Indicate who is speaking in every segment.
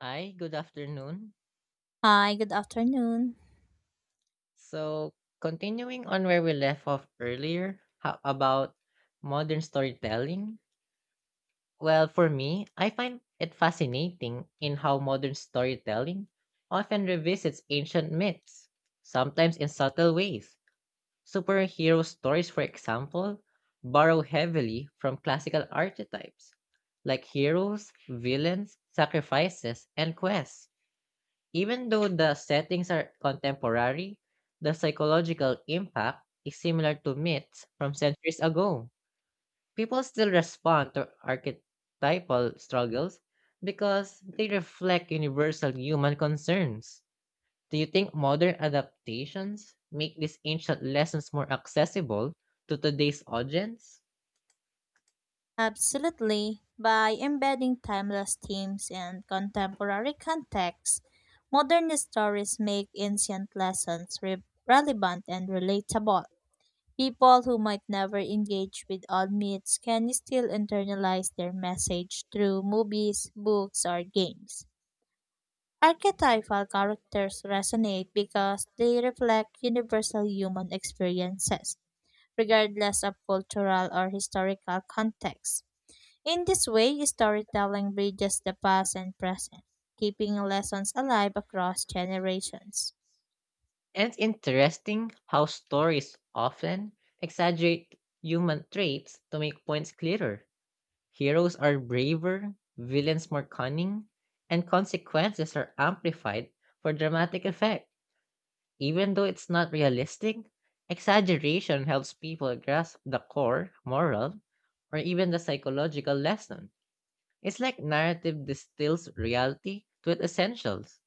Speaker 1: Hi, good afternoon.
Speaker 2: Hi, good afternoon.
Speaker 1: So, continuing on where we left off earlier, how about modern storytelling? Well, for me, I find it fascinating in how modern storytelling often revisits ancient myths, sometimes in subtle ways. Superhero stories, for example, borrow heavily from classical archetypes like heroes, villains, sacrifices, and quests. Even though the settings are contemporary, the psychological impact is similar to myths from centuries ago. People still respond to archetypal struggles because they reflect universal human concerns. Do you think modern adaptations make these ancient lessons more accessible to today's audience?
Speaker 2: Absolutely. By embedding timeless themes and contemporary context, modern stories make ancient lessons relevant and relatable. People who might never engage with old myths can still internalize their message through movies, books, or games. Archetypal characters resonate because they reflect universal human experiences regardless of cultural or historical context. In this way, storytelling bridges the past and present, keeping lessons alive across generations.
Speaker 1: And it's interesting how stories often exaggerate human traits to make points clearer. Heroes are braver, villains more cunning, and consequences are amplified for dramatic effect. Even though it's not realistic, exaggeration helps people grasp the core, moral, or even the psychological lesson. It's like narrative distills reality to its essentials.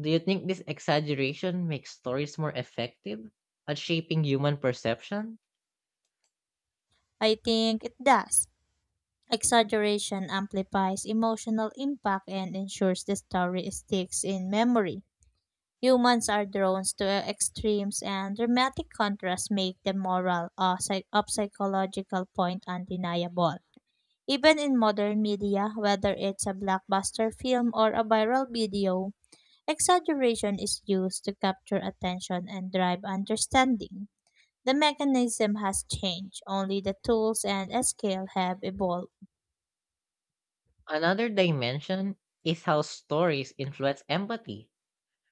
Speaker 1: Do you think this exaggeration makes stories more effective at shaping human perception?
Speaker 2: I think it does. Exaggeration amplifies emotional impact and ensures the story sticks in memory. Humans are drawn to extremes, and dramatic contrasts make the moral or psych- of psychological point undeniable. Even in modern media, whether it's a blockbuster film or a viral video, exaggeration is used to capture attention and drive understanding. The mechanism has changed, only the tools and scale have evolved.
Speaker 1: Another dimension is how stories influence empathy.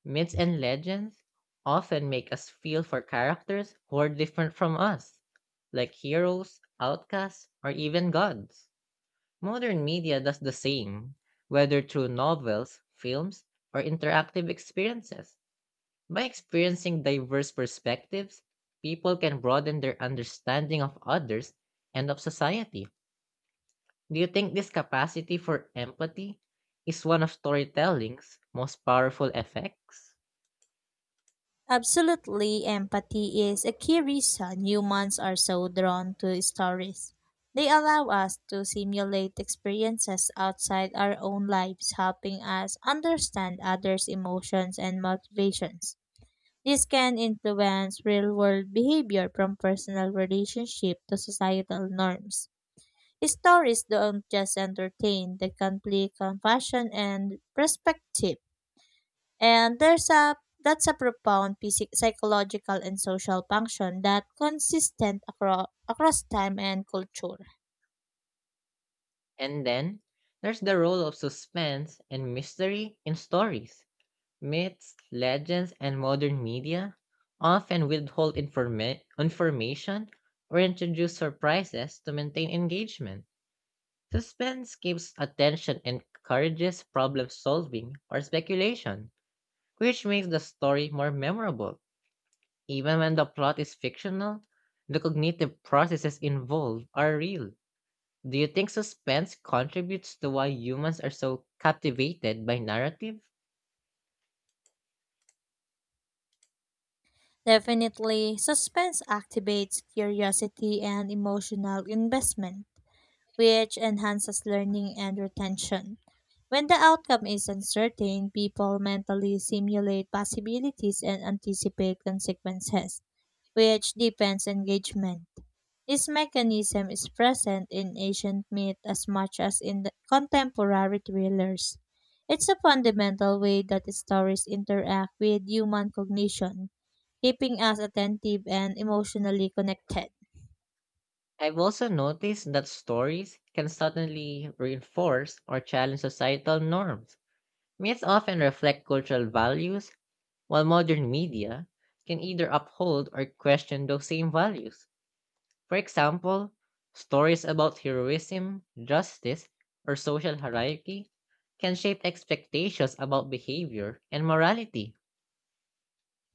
Speaker 1: Myths and legends often make us feel for characters who are different from us, like heroes, outcasts, or even gods. Modern media does the same, whether through novels, films, or interactive experiences. By experiencing diverse perspectives, people can broaden their understanding of others and of society. Do you think this capacity for empathy is one of storytelling's most powerful effects?
Speaker 2: Absolutely, empathy is a key reason humans are so drawn to stories. They allow us to simulate experiences outside our own lives, helping us understand others' emotions and motivations. This can influence real world behavior from personal relationship to societal norms. Stories don't just entertain, they can play compassion and perspective. And there's a that's a profound psychological and social function that consistent across time and culture.
Speaker 1: And then there's the role of suspense and mystery in stories. Myths, legends, and modern media often withhold information or introduce surprises to maintain engagement. Suspense keeps attention and encourages problem solving or speculation, which makes the story more memorable. Even when the plot is fictional, the cognitive processes involved are real. Do you think suspense contributes to why humans are so captivated by narrative?
Speaker 2: Definitely, suspense activates curiosity and emotional investment, which enhances learning and retention. When the outcome is uncertain, people mentally simulate possibilities and anticipate consequences, which deepens engagement. This mechanism is present in ancient myth as much as in the contemporary thrillers. It's a fundamental way that stories interact with human cognition, keeping us attentive and emotionally connected.
Speaker 1: I've also noticed that stories can suddenly reinforce or challenge societal norms. Myths often reflect cultural values, while modern media can either uphold or question those same values. For example, stories about heroism, justice, or social hierarchy can shape expectations about behavior and morality.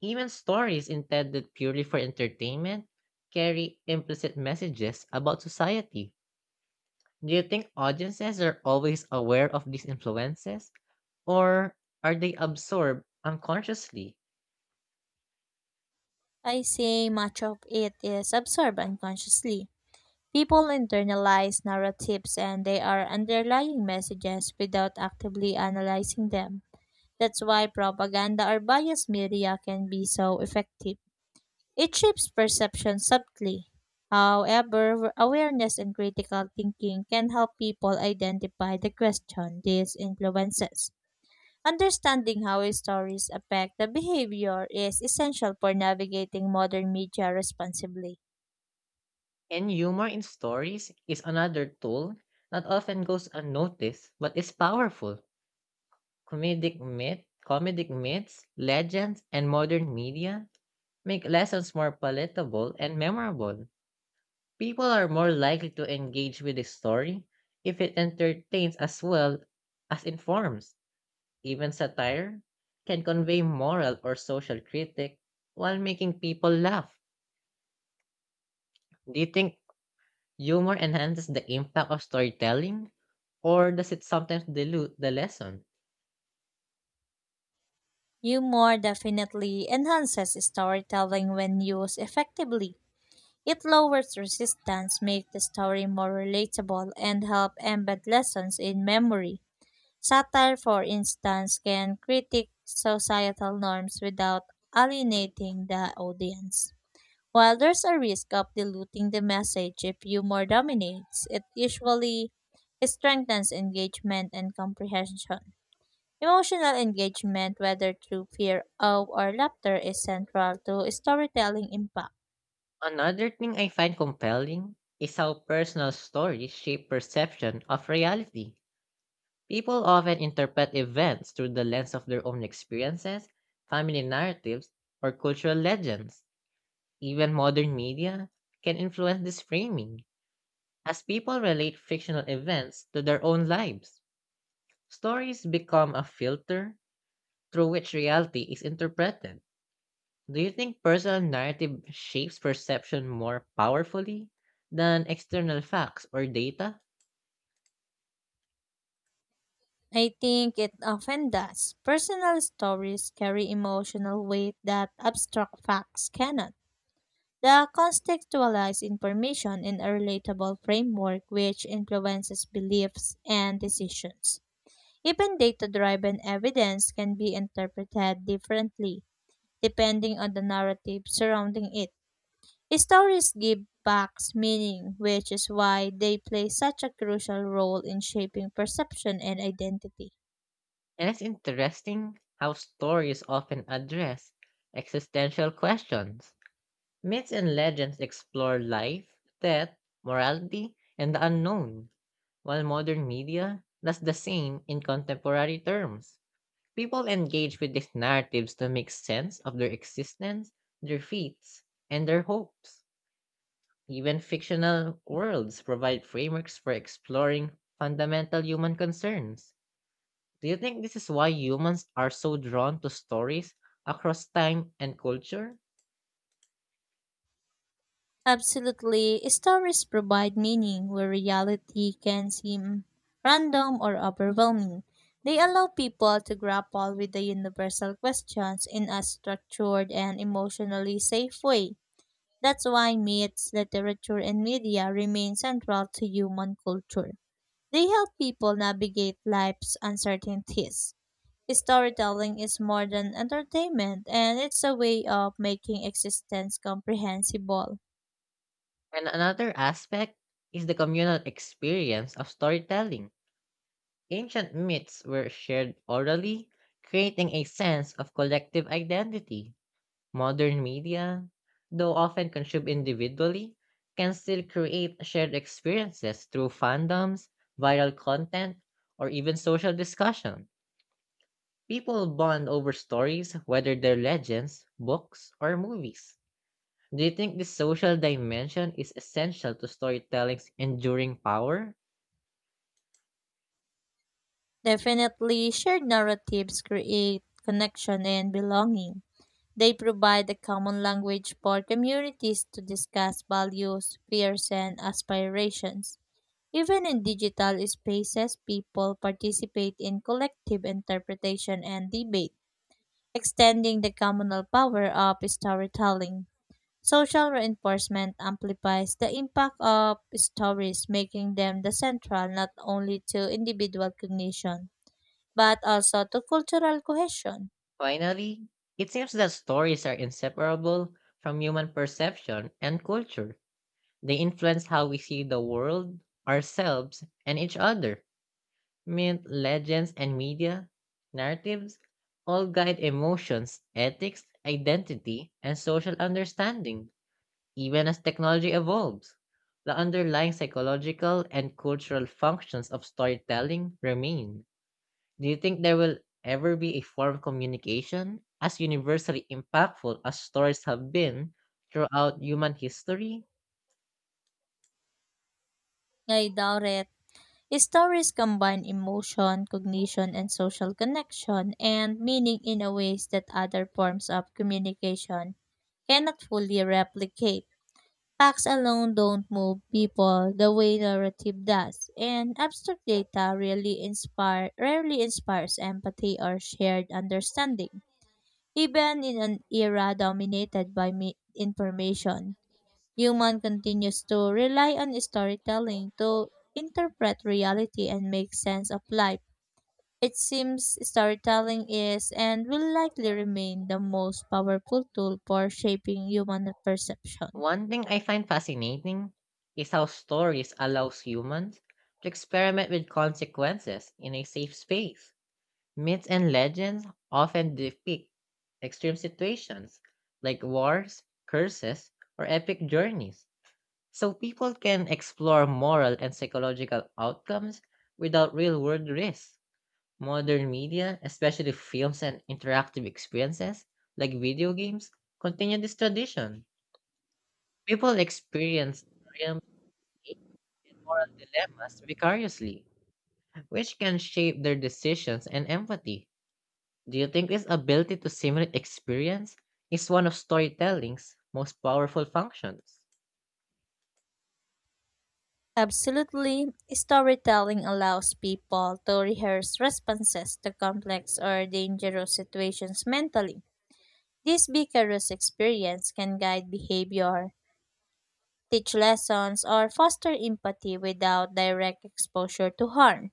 Speaker 1: Even stories intended purely for entertainment carry implicit messages about society. Do you think audiences are always aware of these influences, or are they absorbed unconsciously?
Speaker 2: I say much of it is absorbed unconsciously. People internalize narratives and they are underlying messages without actively analyzing them. That's why propaganda or biased media can be so effective. It shapes perception subtly. However, awareness and critical thinking can help people identify the question this influences. Understanding how stories affect the behavior is essential for navigating modern media responsibly.
Speaker 1: And humor in stories is another tool that often goes unnoticed but is powerful. Comedic myths, legends, and modern media make lessons more palatable and memorable. People are more likely to engage with a story if it entertains as well as informs. Even satire can convey moral or social critique while making people laugh. Do you think humor enhances the impact of storytelling, or does it sometimes dilute the lesson?
Speaker 2: Humor definitely enhances storytelling when used effectively. It lowers resistance, makes the story more relatable, and help embed lessons in memory. Satire, for instance, can critique societal norms without alienating the audience. While there's a risk of diluting the message if humor dominates, it usually strengthens engagement and comprehension. Emotional engagement, whether through fear, awe, or laughter, is central to storytelling impact.
Speaker 1: Another thing I find compelling is how personal stories shape perception of reality. People often interpret events through the lens of their own experiences, family narratives, or cultural legends. Even modern media can influence this framing, as people relate fictional events to their own lives. Stories become a filter through which reality is interpreted. Do you think personal narrative shapes perception more powerfully than external facts or data?
Speaker 2: I think it often does. Personal stories carry emotional weight that abstract facts cannot. The contextualized information in a relatable framework which influences beliefs and decisions. Even data driven evidence can be interpreted differently depending on the narrative surrounding it. Stories give facts meaning, which is why they play such a crucial role in shaping perception and identity.
Speaker 1: And it's interesting how stories often address existential questions. Myths and legends explore life, death, morality, and the unknown, while modern media does the same in contemporary terms. People engage with these narratives to make sense of their existence, their feats, and their hopes. Even fictional worlds provide frameworks for exploring fundamental human concerns. Do you think this is why humans are so drawn to stories across time and culture?
Speaker 2: Absolutely, stories provide meaning where reality can seem random or overwhelming. They allow people to grapple with the universal questions in a structured and emotionally safe way. That's why myths, literature, and media remain central to human culture. They help people navigate life's uncertainties. Storytelling is more than entertainment, and it's a way of making existence comprehensible.
Speaker 1: And another aspect is the communal experience of storytelling. Ancient myths were shared orally, creating a sense of collective identity. Modern media, though often consumed individually, can still create shared experiences through fandoms, viral content, or even social discussion. People bond over stories, whether they're legends, books, or movies. Do you think this social dimension is essential to storytelling's enduring power?
Speaker 2: Definitely, shared narratives create connection and belonging. They provide a common language for communities to discuss values, fears, and aspirations. Even in digital spaces, people participate in collective interpretation and debate, extending the communal power of storytelling. Social reinforcement amplifies the impact of stories, making them the central not only to individual cognition but also to cultural cohesion.
Speaker 1: Finally, it seems that stories are inseparable from human perception and culture. They influence how we see the world, ourselves, and each other. Myth, legends, and media, narratives all guide emotions, ethics, identity, and social understanding. Even as technology evolves, the underlying psychological and cultural functions of storytelling remain. Do you think there will ever be a form of communication as universally impactful as stories have been throughout human history?
Speaker 2: Ngay daw ret, stories combine emotion, cognition, and social connection and meaning in a ways that other forms of communication cannot fully replicate. Facts alone don't move people the way narrative does, and abstract data really inspire rarely inspires empathy or shared understanding, even in an era dominated by information. Human continues to rely on storytelling to interpret reality and make sense of life. It seems storytelling is and will likely remain the most powerful tool for shaping human perception.
Speaker 1: One thing I find fascinating is how stories allows humans to experiment with consequences in a safe space. Myths and legends often depict extreme situations like wars, curses, or epic journeys, so people can explore moral and psychological outcomes without real world risks. Modern media, especially films and interactive experiences like video games, continue this tradition. People experience moral dilemmas vicariously, which can shape their decisions and empathy. Do you think this ability to simulate experience is one of storytelling's most powerful functions?
Speaker 2: Absolutely, storytelling allows people to rehearse responses to complex or dangerous situations mentally. This vicarious experience can guide behavior, teach lessons, or foster empathy without direct exposure to harm.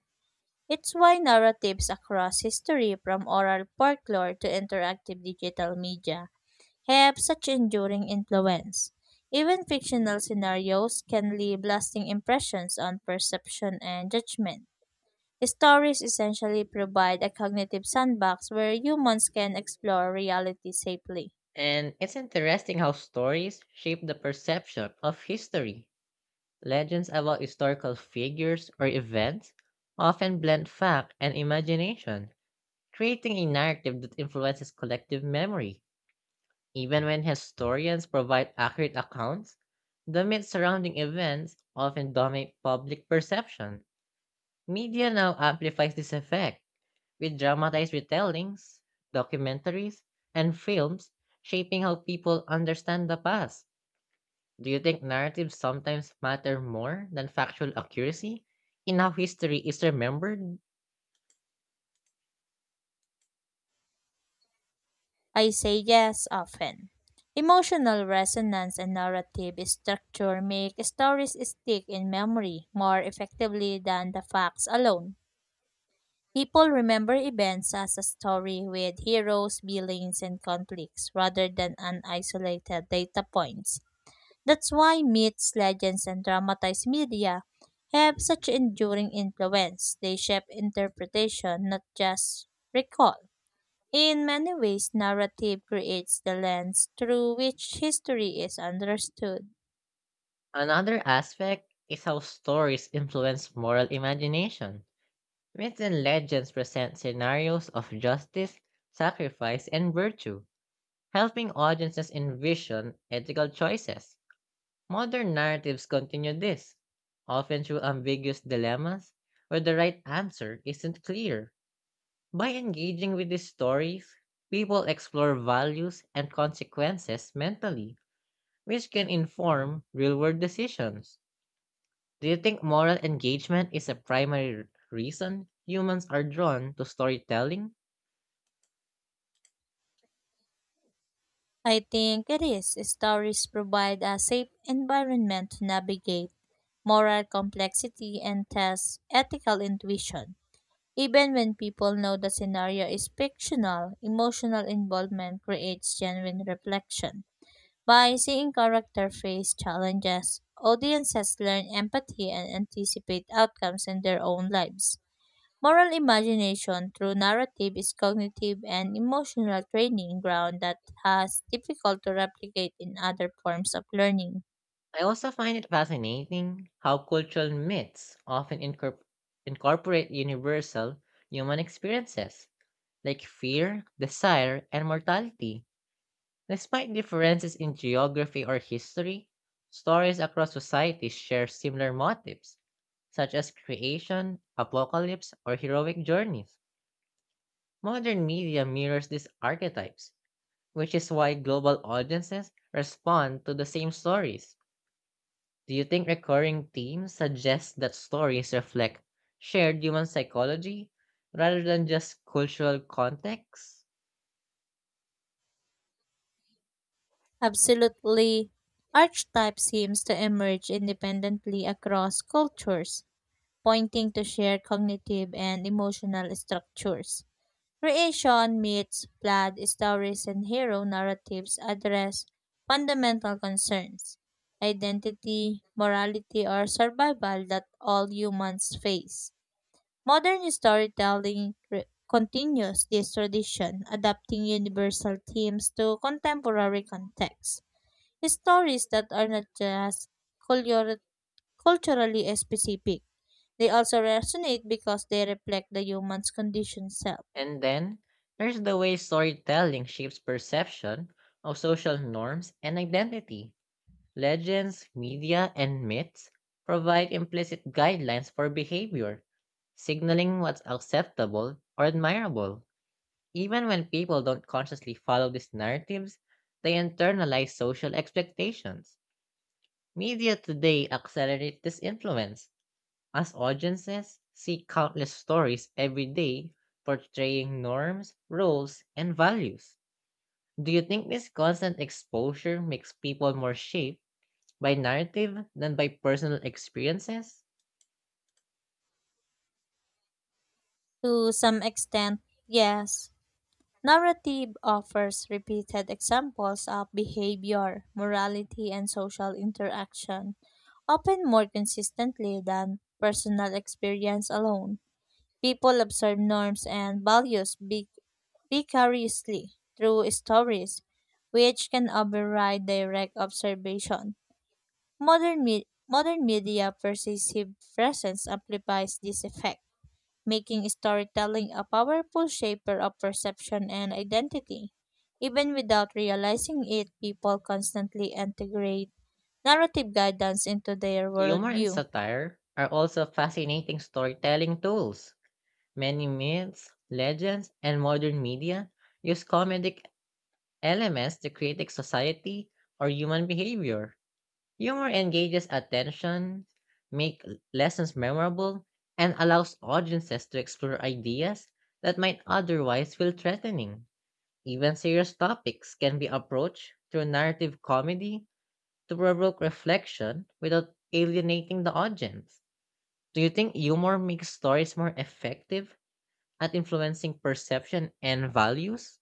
Speaker 2: It's why narratives across history, from oral folklore to interactive digital media, have such enduring influence. Even fictional scenarios can leave lasting impressions on perception and judgment. Stories essentially provide a cognitive sandbox where humans can explore reality safely.
Speaker 1: And it's interesting how stories shape the perception of history. Legends about historical figures or events often blend fact and imagination, creating a narrative that influences collective memory. Even when historians provide accurate accounts, the myths surrounding events often dominate public perception. Media now amplifies this effect with dramatized retellings, documentaries, and films shaping how people understand the past. Do you think narratives sometimes matter more than factual accuracy in how history is remembered?
Speaker 2: I say yes often. Emotional resonance and narrative structure make stories stick in memory more effectively than the facts alone. People remember events as a story with heroes, villains, and conflicts rather than an isolated data points. That's why myths, legends, and dramatized media have such enduring influence. They shape interpretation, not just recall. In many ways, narrative creates the lens through which history is understood.
Speaker 1: Another aspect is how stories influence moral imagination. Myths and legends present scenarios of justice, sacrifice, and virtue, helping audiences envision ethical choices. Modern narratives continue this, often through ambiguous dilemmas where the right answer isn't clear. By engaging with these stories, people explore values and consequences mentally, which can inform real world decisions. Do you think moral engagement is a primary reason humans are drawn to storytelling?
Speaker 2: I think it is. Stories provide a safe environment to navigate moral complexity, and tests ethical intuition. Even when people know the scenario is fictional, emotional involvement creates genuine reflection. By seeing character face challenges, audiences learn empathy and anticipate outcomes in their own lives. Moral imagination through narrative is cognitive and emotional training ground that has difficult to replicate in other forms of learning.
Speaker 1: I also find it fascinating how cultural myths often incorporate universal human experiences like fear, desire, and mortality. Despite differences in geography or history, stories across societies share similar motifs, such as creation, apocalypse, or heroic journeys. Modern media mirrors these archetypes, which is why global audiences respond to the same stories. Do you think recurring themes suggest that stories reflect shared human psychology rather than just cultural context?
Speaker 2: Absolutely. Archetype seems to emerge independently across cultures, pointing to shared cognitive and emotional structures. Creation, myths, blood stories, and hero narratives address fundamental concerns identity, morality, or survival that all humans face. Modern storytelling continues this tradition, adapting universal themes to contemporary contexts. Stories that are not just culture- culturally specific, they also resonate because they reflect the human's condition self.
Speaker 1: And then there's the way storytelling shapes perception of social norms and identity. Legends, media, and myths provide implicit guidelines for behavior, signaling what's acceptable or admirable. Even when people don't consciously follow these narratives, they internalize social expectations. Media today accelerates this influence as audiences see countless stories every day portraying norms, roles, and values. Do you think this constant exposure makes people more shaped by narrative than by personal experiences?
Speaker 2: To some extent, yes, narrative offers repeated examples of behavior, morality, and social interaction, often more consistently than personal experience alone. People observe norms and values vicariously through stories, which can override direct observation. Modern media pervasive presence amplifies this effect, making storytelling a powerful shaper of perception and identity. Even without realizing it, people constantly integrate narrative guidance into their
Speaker 1: Humor and
Speaker 2: worldview.
Speaker 1: satire are also fascinating storytelling tools. Many myths, legends, and modern media use comedic elements to critique society or human behavior. Humor engages attention, make lessons memorable, and allows audiences to explore ideas that might otherwise feel threatening. Even serious topics can be approached through narrative comedy to provoke reflection without alienating the audience. Do you think humor makes stories more effective at influencing perception and values?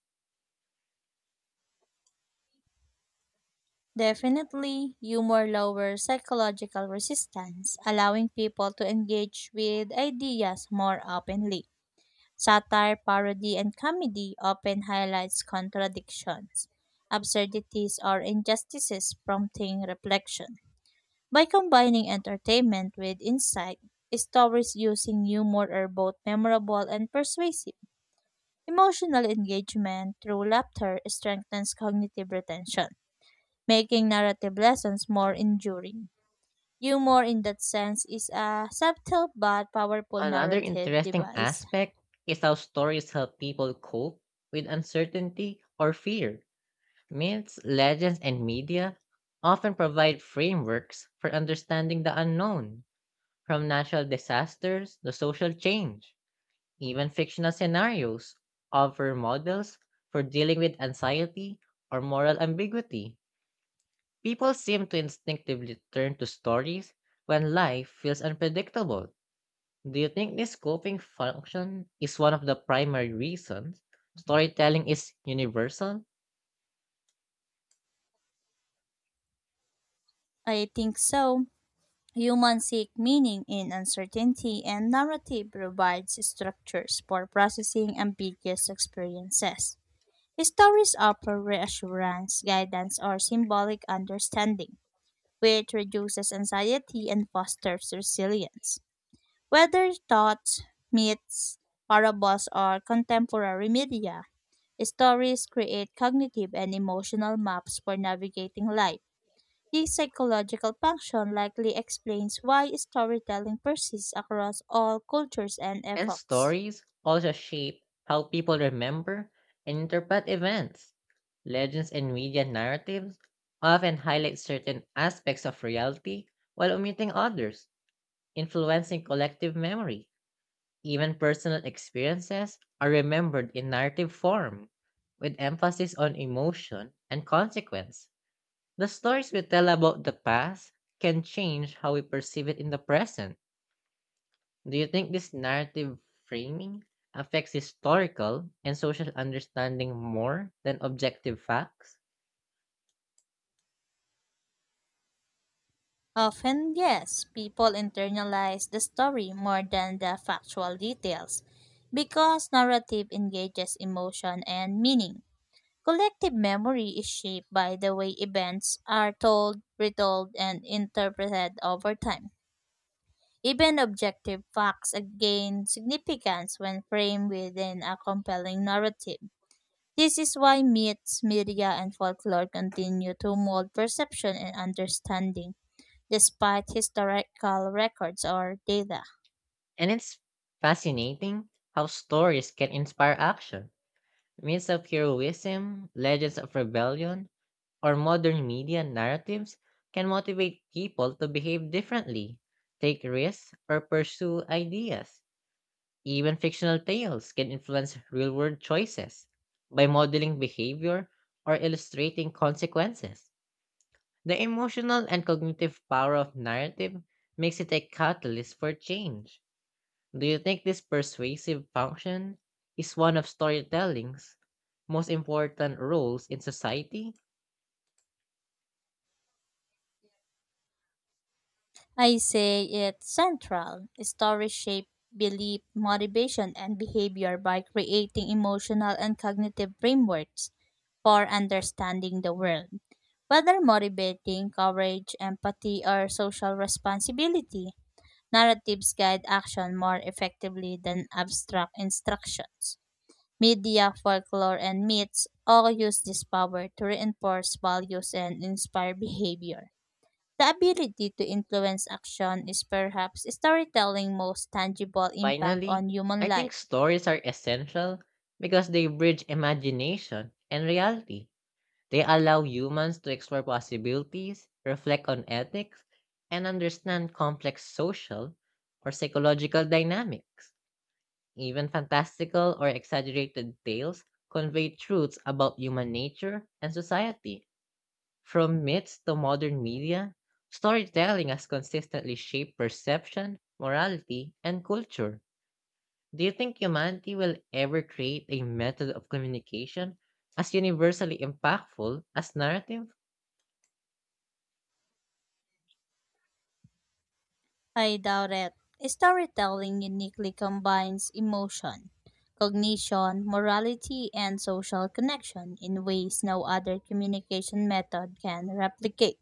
Speaker 2: Definitely, humor lowers psychological resistance, allowing people to engage with ideas more openly. Satire, parody, and comedy often highlights contradictions, absurdities, or injustices prompting reflection. By combining entertainment with insight, stories using humor are both memorable and persuasive. Emotional engagement through laughter strengthens cognitive retention making narrative lessons more enduring. Humor, in that sense, is a subtle but powerful
Speaker 1: Another
Speaker 2: narrative
Speaker 1: interesting
Speaker 2: device.
Speaker 1: aspect is how stories help people cope with uncertainty or fear. Myths, legends, and media often provide frameworks for understanding the unknown, from natural disasters to social change. Even fictional scenarios offer models for dealing with anxiety or moral ambiguity. People seem to instinctively turn to stories when life feels unpredictable. Do you think this coping function is one of the primary reasons storytelling is universal?
Speaker 2: I think so. Humans seek meaning in uncertainty, and narrative provides structures for processing ambiguous experiences. Stories offer reassurance, guidance, or symbolic understanding, which reduces anxiety and fosters resilience. Whether thoughts, myths, parables, or contemporary media, stories create cognitive and emotional maps for navigating life. This psychological function likely explains why storytelling persists across all cultures and
Speaker 1: And
Speaker 2: epochs.
Speaker 1: stories also shape how people remember and interpret events. Legends and media narratives often highlight certain aspects of reality while omitting others, influencing collective memory. Even personal experiences are remembered in narrative form, with emphasis on emotion and consequence. The stories we tell about the past can change how we perceive it in the present. Do you think this narrative framing affects historical and social understanding more than objective facts?
Speaker 2: Often, yes, people internalize the story more than the factual details because narrative engages emotion and meaning. Collective memory is shaped by the way events are told, retold, and interpreted over time. Even objective facts gain significance when framed within a compelling narrative. This is why myths, media, and folklore continue to mold perception and understanding, despite historical records or data.
Speaker 1: And it's fascinating how stories can inspire action. Myths of heroism, legends of rebellion, or modern media narratives can motivate people to behave differently, take risks, or pursue ideas. Even fictional tales can influence real world choices by modeling behavior or illustrating consequences. The emotional and cognitive power of narrative makes it a catalyst for change. Do you think this persuasive function is one of storytelling's most important roles in society?
Speaker 2: I say it's central. Stories shape belief, motivation, and behavior by creating emotional and cognitive frameworks for understanding the world. Whether motivating, courage, empathy, or social responsibility, narratives guide action more effectively than abstract instructions. Media, folklore, and myths all use this power to reinforce values and inspire behavior. The ability to influence action is perhaps storytelling's most tangible impact
Speaker 1: Finally,
Speaker 2: on
Speaker 1: I
Speaker 2: human
Speaker 1: think
Speaker 2: life.
Speaker 1: stories are essential because they bridge imagination and reality. They allow humans to explore possibilities, reflect on ethics, and understand complex social or psychological dynamics. Even fantastical or exaggerated tales convey truths about human nature and society. From myths to modern media, storytelling has consistently shaped perception, morality, and culture. Do you think humanity will ever create a method of communication as universally impactful as narrative?
Speaker 2: I doubt it. Storytelling uniquely combines emotion, cognition, morality, and social connection in ways no other communication method can replicate.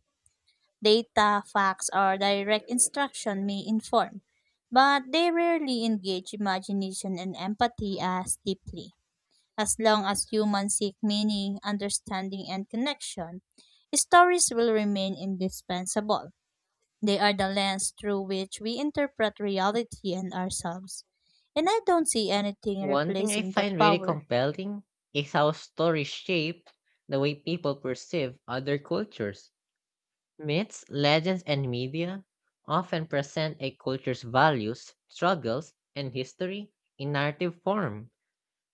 Speaker 2: Data, facts, or direct instruction may inform, but they rarely engage imagination and empathy as deeply. As long as humans seek meaning, understanding, and connection, stories will remain indispensable. They are the lens through which we interpret reality and ourselves. And I don't see anything
Speaker 1: One thing I
Speaker 2: replacing that
Speaker 1: find really
Speaker 2: power.
Speaker 1: compelling is how stories shape the way people perceive other cultures. Myths, legends, and media often present a culture's values, struggles, and history in narrative form,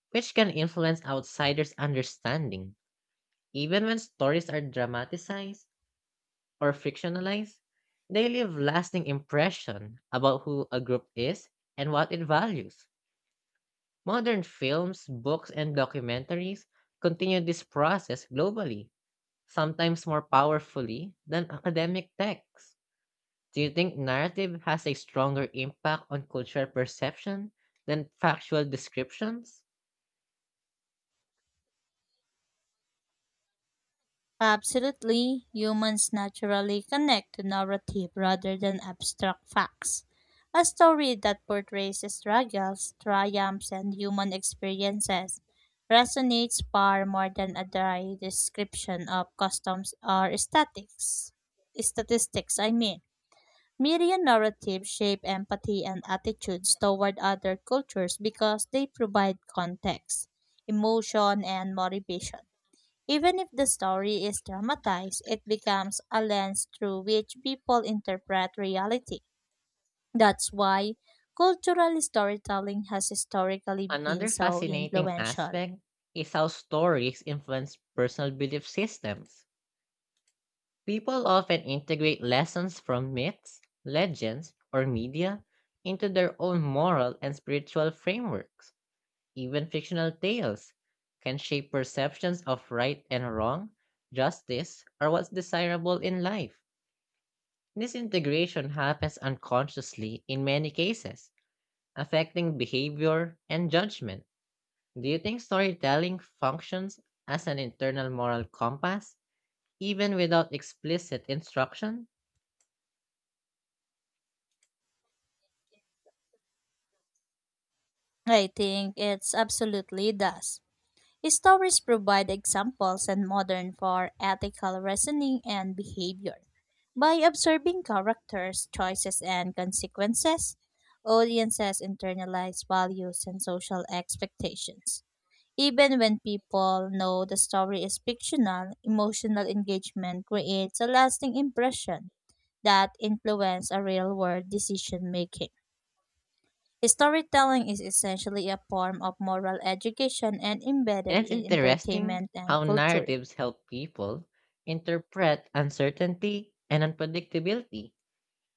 Speaker 1: which can influence outsiders' understanding. Even when stories are dramatized or fictionalized, they leave lasting impression about who a group is and what it values. Modern films, books, and documentaries continue this process globally, sometimes more powerfully than academic texts. Do you think narrative has a stronger impact on cultural perception than factual descriptions?
Speaker 2: Absolutely, humans naturally connect to narrative rather than abstract facts. A story that portrays struggles, triumphs, and human experiences resonates far more than a dry description of customs or statics. Statistics, I mean. Media narratives shape empathy and attitudes toward other cultures because they provide context, emotion, and motivation. Even if the story is dramatized, it becomes a lens through which people interpret reality. That's why cultural storytelling has historically been
Speaker 1: Another
Speaker 2: so
Speaker 1: fascinating
Speaker 2: influential.
Speaker 1: aspect is how stories influence personal belief systems. People often integrate lessons from myths, legends, or media into their own moral and spiritual frameworks. Even fictional tales can shape perceptions of right and wrong, justice, or what's desirable in life. This integration happens unconsciously in many cases, affecting behavior and judgment. Do you think storytelling functions as an internal moral compass, even without explicit instruction?
Speaker 2: I think it's absolutely does. Stories provide examples and modern for ethical reasoning and behavior. By observing characters, choices, and consequences, audiences internalize values and social expectations. Even when people know the story is fictional, emotional engagement creates a lasting impression that influences a real-world decision making. Storytelling is essentially a form of moral education and
Speaker 1: And
Speaker 2: embedded
Speaker 1: it's
Speaker 2: in
Speaker 1: interesting
Speaker 2: entertainment and
Speaker 1: how
Speaker 2: culture.
Speaker 1: narratives help people interpret uncertainty and unpredictability.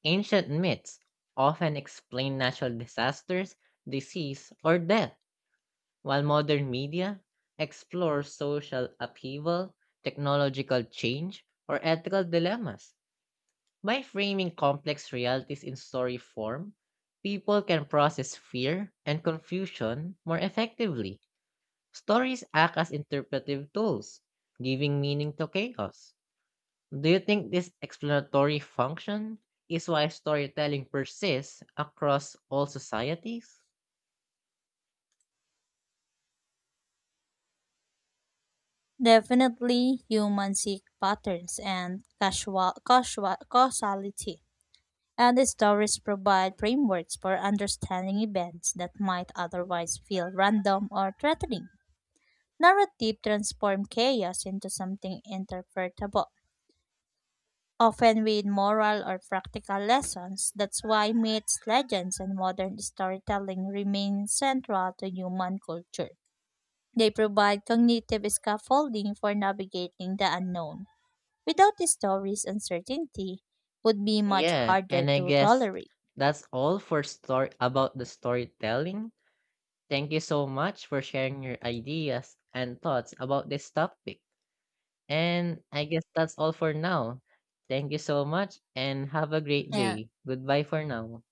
Speaker 1: Ancient myths often explain natural disasters, disease, or death, while modern media explores social upheaval, technological change, or ethical dilemmas. By framing complex realities in story form, people can process fear and confusion more effectively. Stories act as interpretive tools, giving meaning to chaos. Do you think this explanatory function is why storytelling persists across all societies?
Speaker 2: Definitely, humans seek patterns and causality, and the stories provide frameworks for understanding events that might otherwise feel random or threatening. Narrative transform chaos into something interpretable, often with moral or practical lessons. That's why myths, legends, and modern storytelling remain central to human culture. They provide cognitive scaffolding for navigating the unknown. Without the stories, uncertainty would be much
Speaker 1: Yeah,
Speaker 2: harder
Speaker 1: and I
Speaker 2: to
Speaker 1: guess
Speaker 2: tolerate.
Speaker 1: that's all for story about the storytelling. Thank you so much for sharing your ideas and thoughts about this topic. And I guess that's all for now. Thank you so much and have a great
Speaker 2: Yeah.
Speaker 1: day. Goodbye for now.